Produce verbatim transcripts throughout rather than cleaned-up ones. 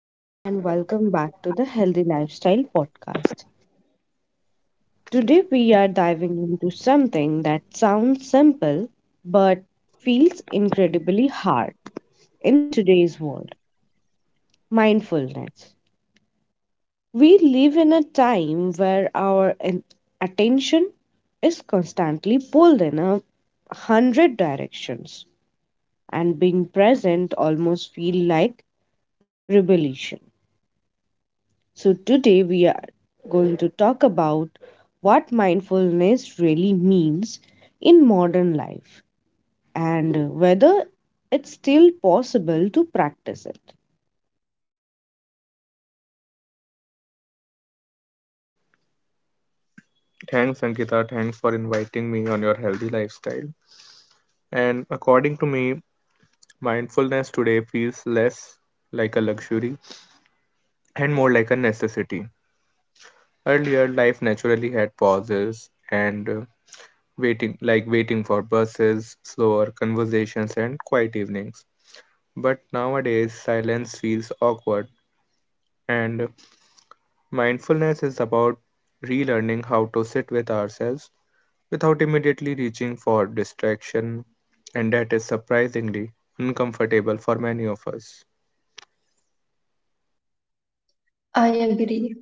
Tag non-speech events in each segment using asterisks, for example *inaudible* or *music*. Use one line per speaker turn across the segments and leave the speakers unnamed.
Hello, everyone, and welcome back to the Healthy Lifestyle Podcast. Today, we are diving into something that sounds simple but feels incredibly hard in today's world: mindfulness. We live in a time where our en- attention is constantly pulled in a hundred directions, and being present almost feels like rebellion. So, today we are going to talk about what mindfulness really means in modern life and whether it's still possible to practice it.
Thanks, Ankita. Thanks for inviting me on your Healthy Lifestyle. And according to me, mindfulness today feels less like a luxury and more like a necessity. Earlier, life naturally had pauses and uh, waiting, like waiting for buses, slower conversations, and quiet evenings. But nowadays, silence feels awkward, and mindfulness is about relearning how to sit with ourselves without immediately reaching for distraction, and that is surprisingly uncomfortable for many of us.
I agree.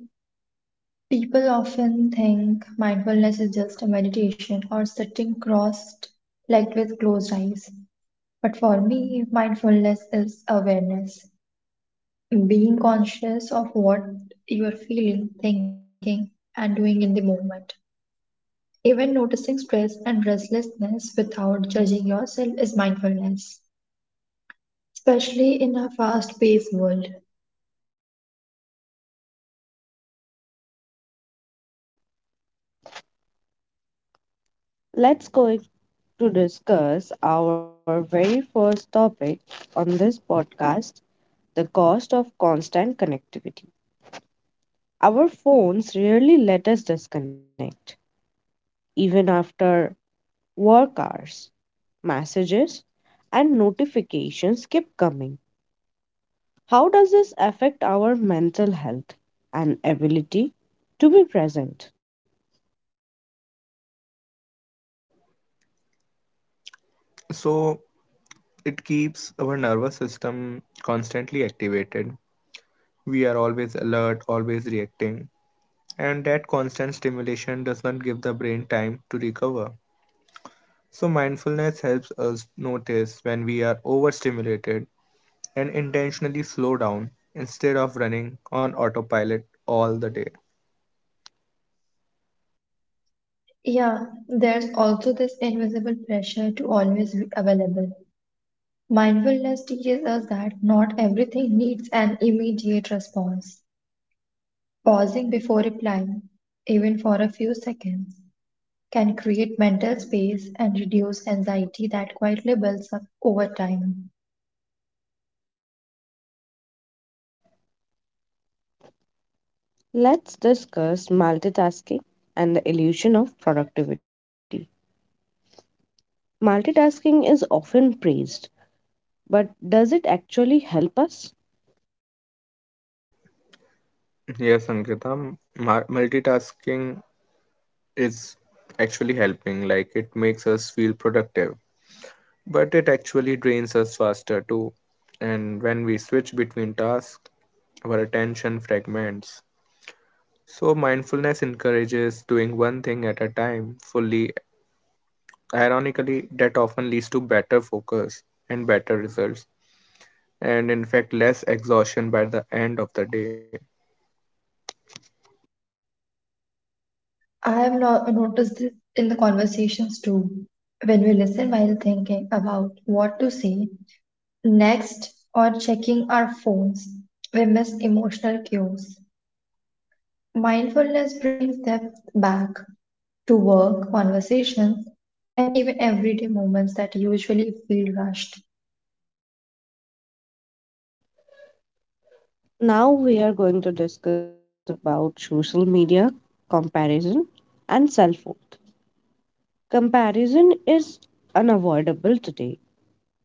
People often think mindfulness is just a meditation or sitting crossed legged with closed eyes. But for me, mindfulness is awareness, being conscious of what you are feeling, thinking, and doing in the moment. Even noticing stress and restlessness without judging yourself is mindfulness, especially in a fast paced world.
Let's go to discuss our very first topic on this podcast: the cost of constant connectivity. Our phones rarely let us disconnect, even after work hours. Messages and notifications keep coming. How does this affect our mental health and ability to be present?
So, it keeps our nervous system constantly activated. We are always alert, always reacting, and that constant stimulation does not give the brain time to recover. So, mindfulness helps us notice when we are overstimulated and intentionally slow down instead of running on autopilot all the day.
Yeah, there's also this invisible pressure to always be available. Mindfulness teaches us that not everything needs an immediate response. Pausing before replying, even for a few seconds, can create mental space and reduce anxiety that quietly builds up over time.
Let's discuss multitasking and the illusion of productivity. Multitasking is often praised, but does it actually help us?
Yes, Ankita, m- multitasking is actually helping. Like it makes us feel productive, but it actually drains us faster too. And when we switch between tasks, our attention fragments. So, mindfulness encourages doing one thing at a time fully. Ironically, that often leads to better focus and better results, and in fact, less exhaustion by the end of the day.
I have no- noticed this in the conversations too. When we listen while thinking about what to say next or checking our phones, we miss emotional cues. Mindfulness brings depth back to work, conversations, and even everyday moments that usually feel rushed.
Now we are going to discuss about social media, comparison, and self worth. Comparison is unavoidable today.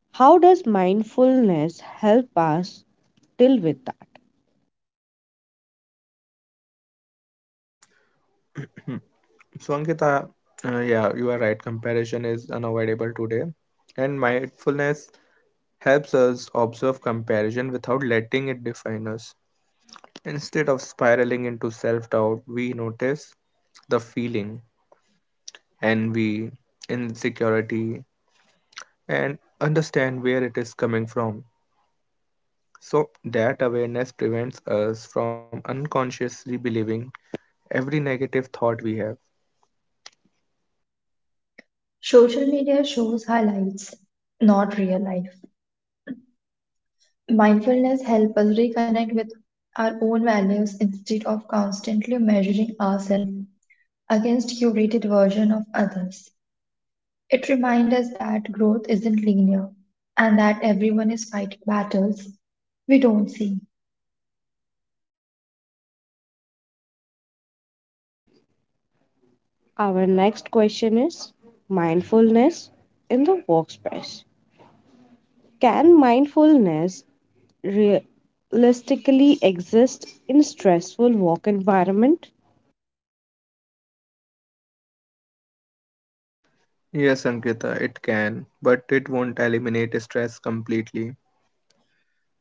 How does mindfulness help us deal with that?
*clears throat* So, Ankita, uh, yeah, you are right. Comparison is unavoidable today, and mindfulness helps us observe comparison without letting it define us. Instead of spiraling into self doubt, we notice the feeling, envy, insecurity, and understand where it is coming from. So, that awareness prevents us from unconsciously believing every negative thought we have.
Social media shows highlights, not real life. Mindfulness helps us reconnect with our own values instead of constantly measuring ourselves against curated version of others. It reminds us that growth isn't linear and that everyone is fighting battles we don't see.
Our next question is mindfulness in the workspace. Can mindfulness realistically exist in stressful work environment?
Yes, Ankita, it can, but it won't eliminate stress completely.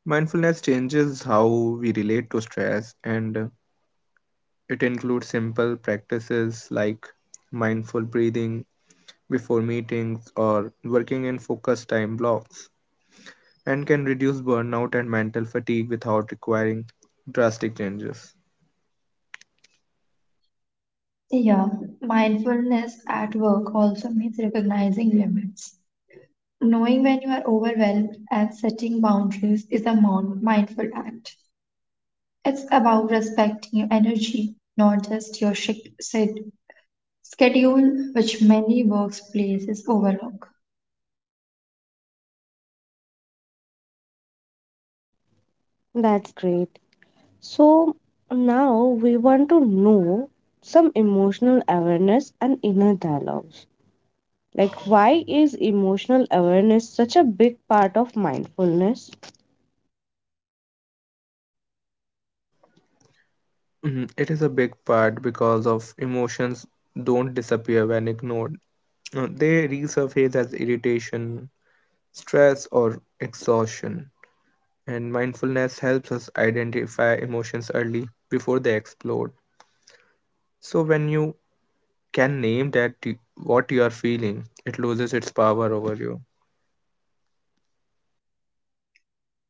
Mindfulness changes how we relate to stress and it includes simple practices like mindful breathing before meetings or working in focused time blocks and can reduce burnout and mental fatigue without requiring drastic changes.
Yeah, mindfulness at work also means recognizing limits. Knowing when you are overwhelmed and setting boundaries is a mon- mindful act. It's about respecting your energy, not just your sch- sed- schedule, which many workplaces overlook.
That's great. So now we want to know some emotional awareness and inner dialogues. Like, why is emotional awareness such a big part of mindfulness?
Mhm. It is a big part because of emotions don't disappear when ignored. Uh, They resurface as irritation, stress or exhaustion. And mindfulness helps us identify emotions early before they explode. So when you can name that you, what you are feeling, it loses its power over you.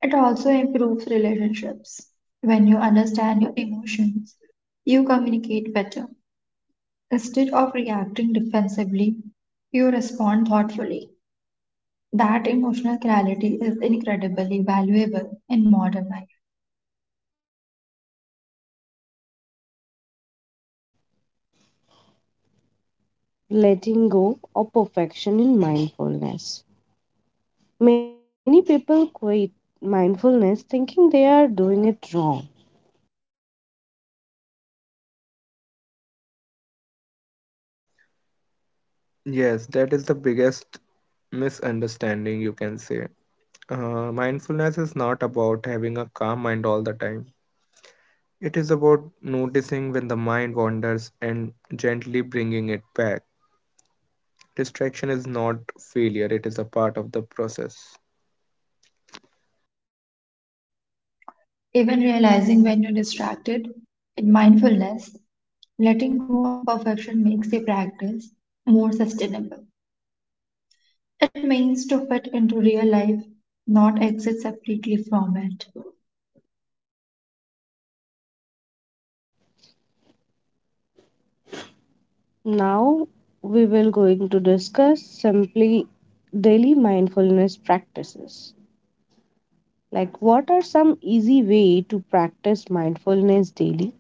It also improves relationships. When you understand your emotions, you communicate better. Instead of reacting defensively, you respond thoughtfully. That emotional clarity is incredibly valuable in modern life.
Letting go of perfection in mindfulness. Many people quit mindfulness thinking they are doing it wrong.
Yes, that is the biggest misunderstanding you can say. Uh, mindfulness is not about having a calm mind all the time. It is about noticing when the mind wanders and gently bringing it back. Distraction is not failure, it is a part of the process.
Even realizing when you're distracted in mindfulness, letting go of perfection makes the practice more sustainable. It means to fit into real life, not exit separately from it.
Now we will going to discuss simply daily mindfulness practices. Like, what are some easy way to practice mindfulness daily?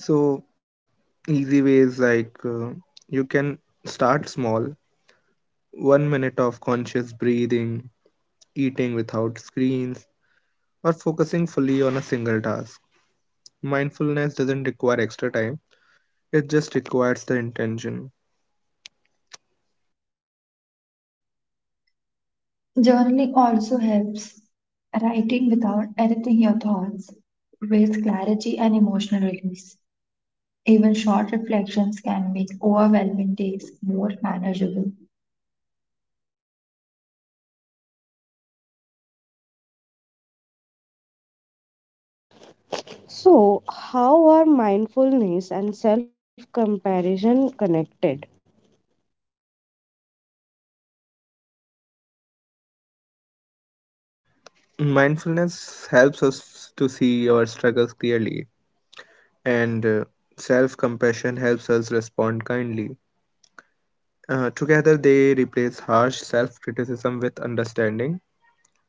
So, easy ways like uh, you can start small, one minute of conscious breathing, eating without screens, or focusing fully on a single task. Mindfulness doesn't require extra time, it just requires the intention.
Journaling also helps writing without editing your thoughts, creates clarity and emotional release. Even short reflections can make overwhelming days more manageable.
So, how are mindfulness and self-comparison connected?
Mindfulness helps us to see our struggles clearly, and uh, self compassion helps us respond kindly. Uh, together, they replace harsh self criticism with understanding,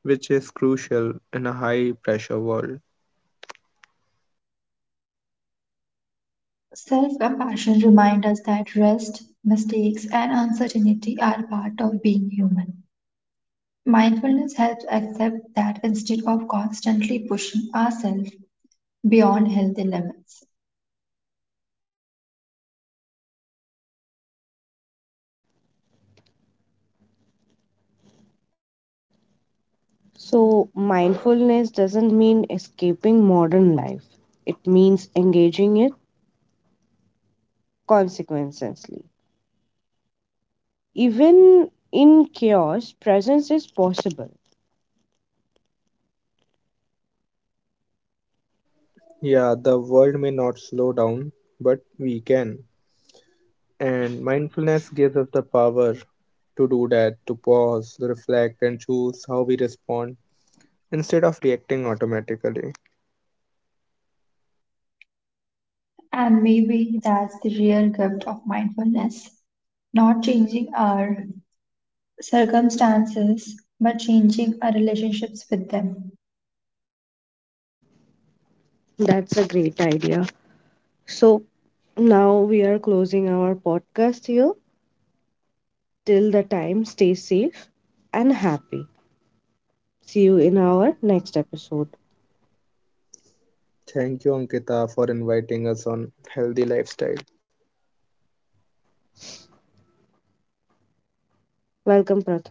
which is crucial in a high pressure world.
Self compassion reminds us that rest, mistakes, and uncertainty are part of being human. Mindfulness helps accept that instead of constantly pushing ourselves beyond healthy limits.
So, mindfulness doesn't mean escaping modern life. It means engaging it consequentially. Even in chaos, presence is possible.
Yeah, the world may not slow down, but we can. And mindfulness gives us the power to do that, to pause, reflect, and choose how we respond instead of reacting automatically.
And maybe that's the real gift of mindfulness not changing our circumstances, but changing our relationships with them.
That's a great idea. So now we are closing our podcast here. Till the time, stay safe and happy. See you in our next episode.
Thank you, Ankita, for inviting us on Healthy Lifestyle.
Welcome, Pratham.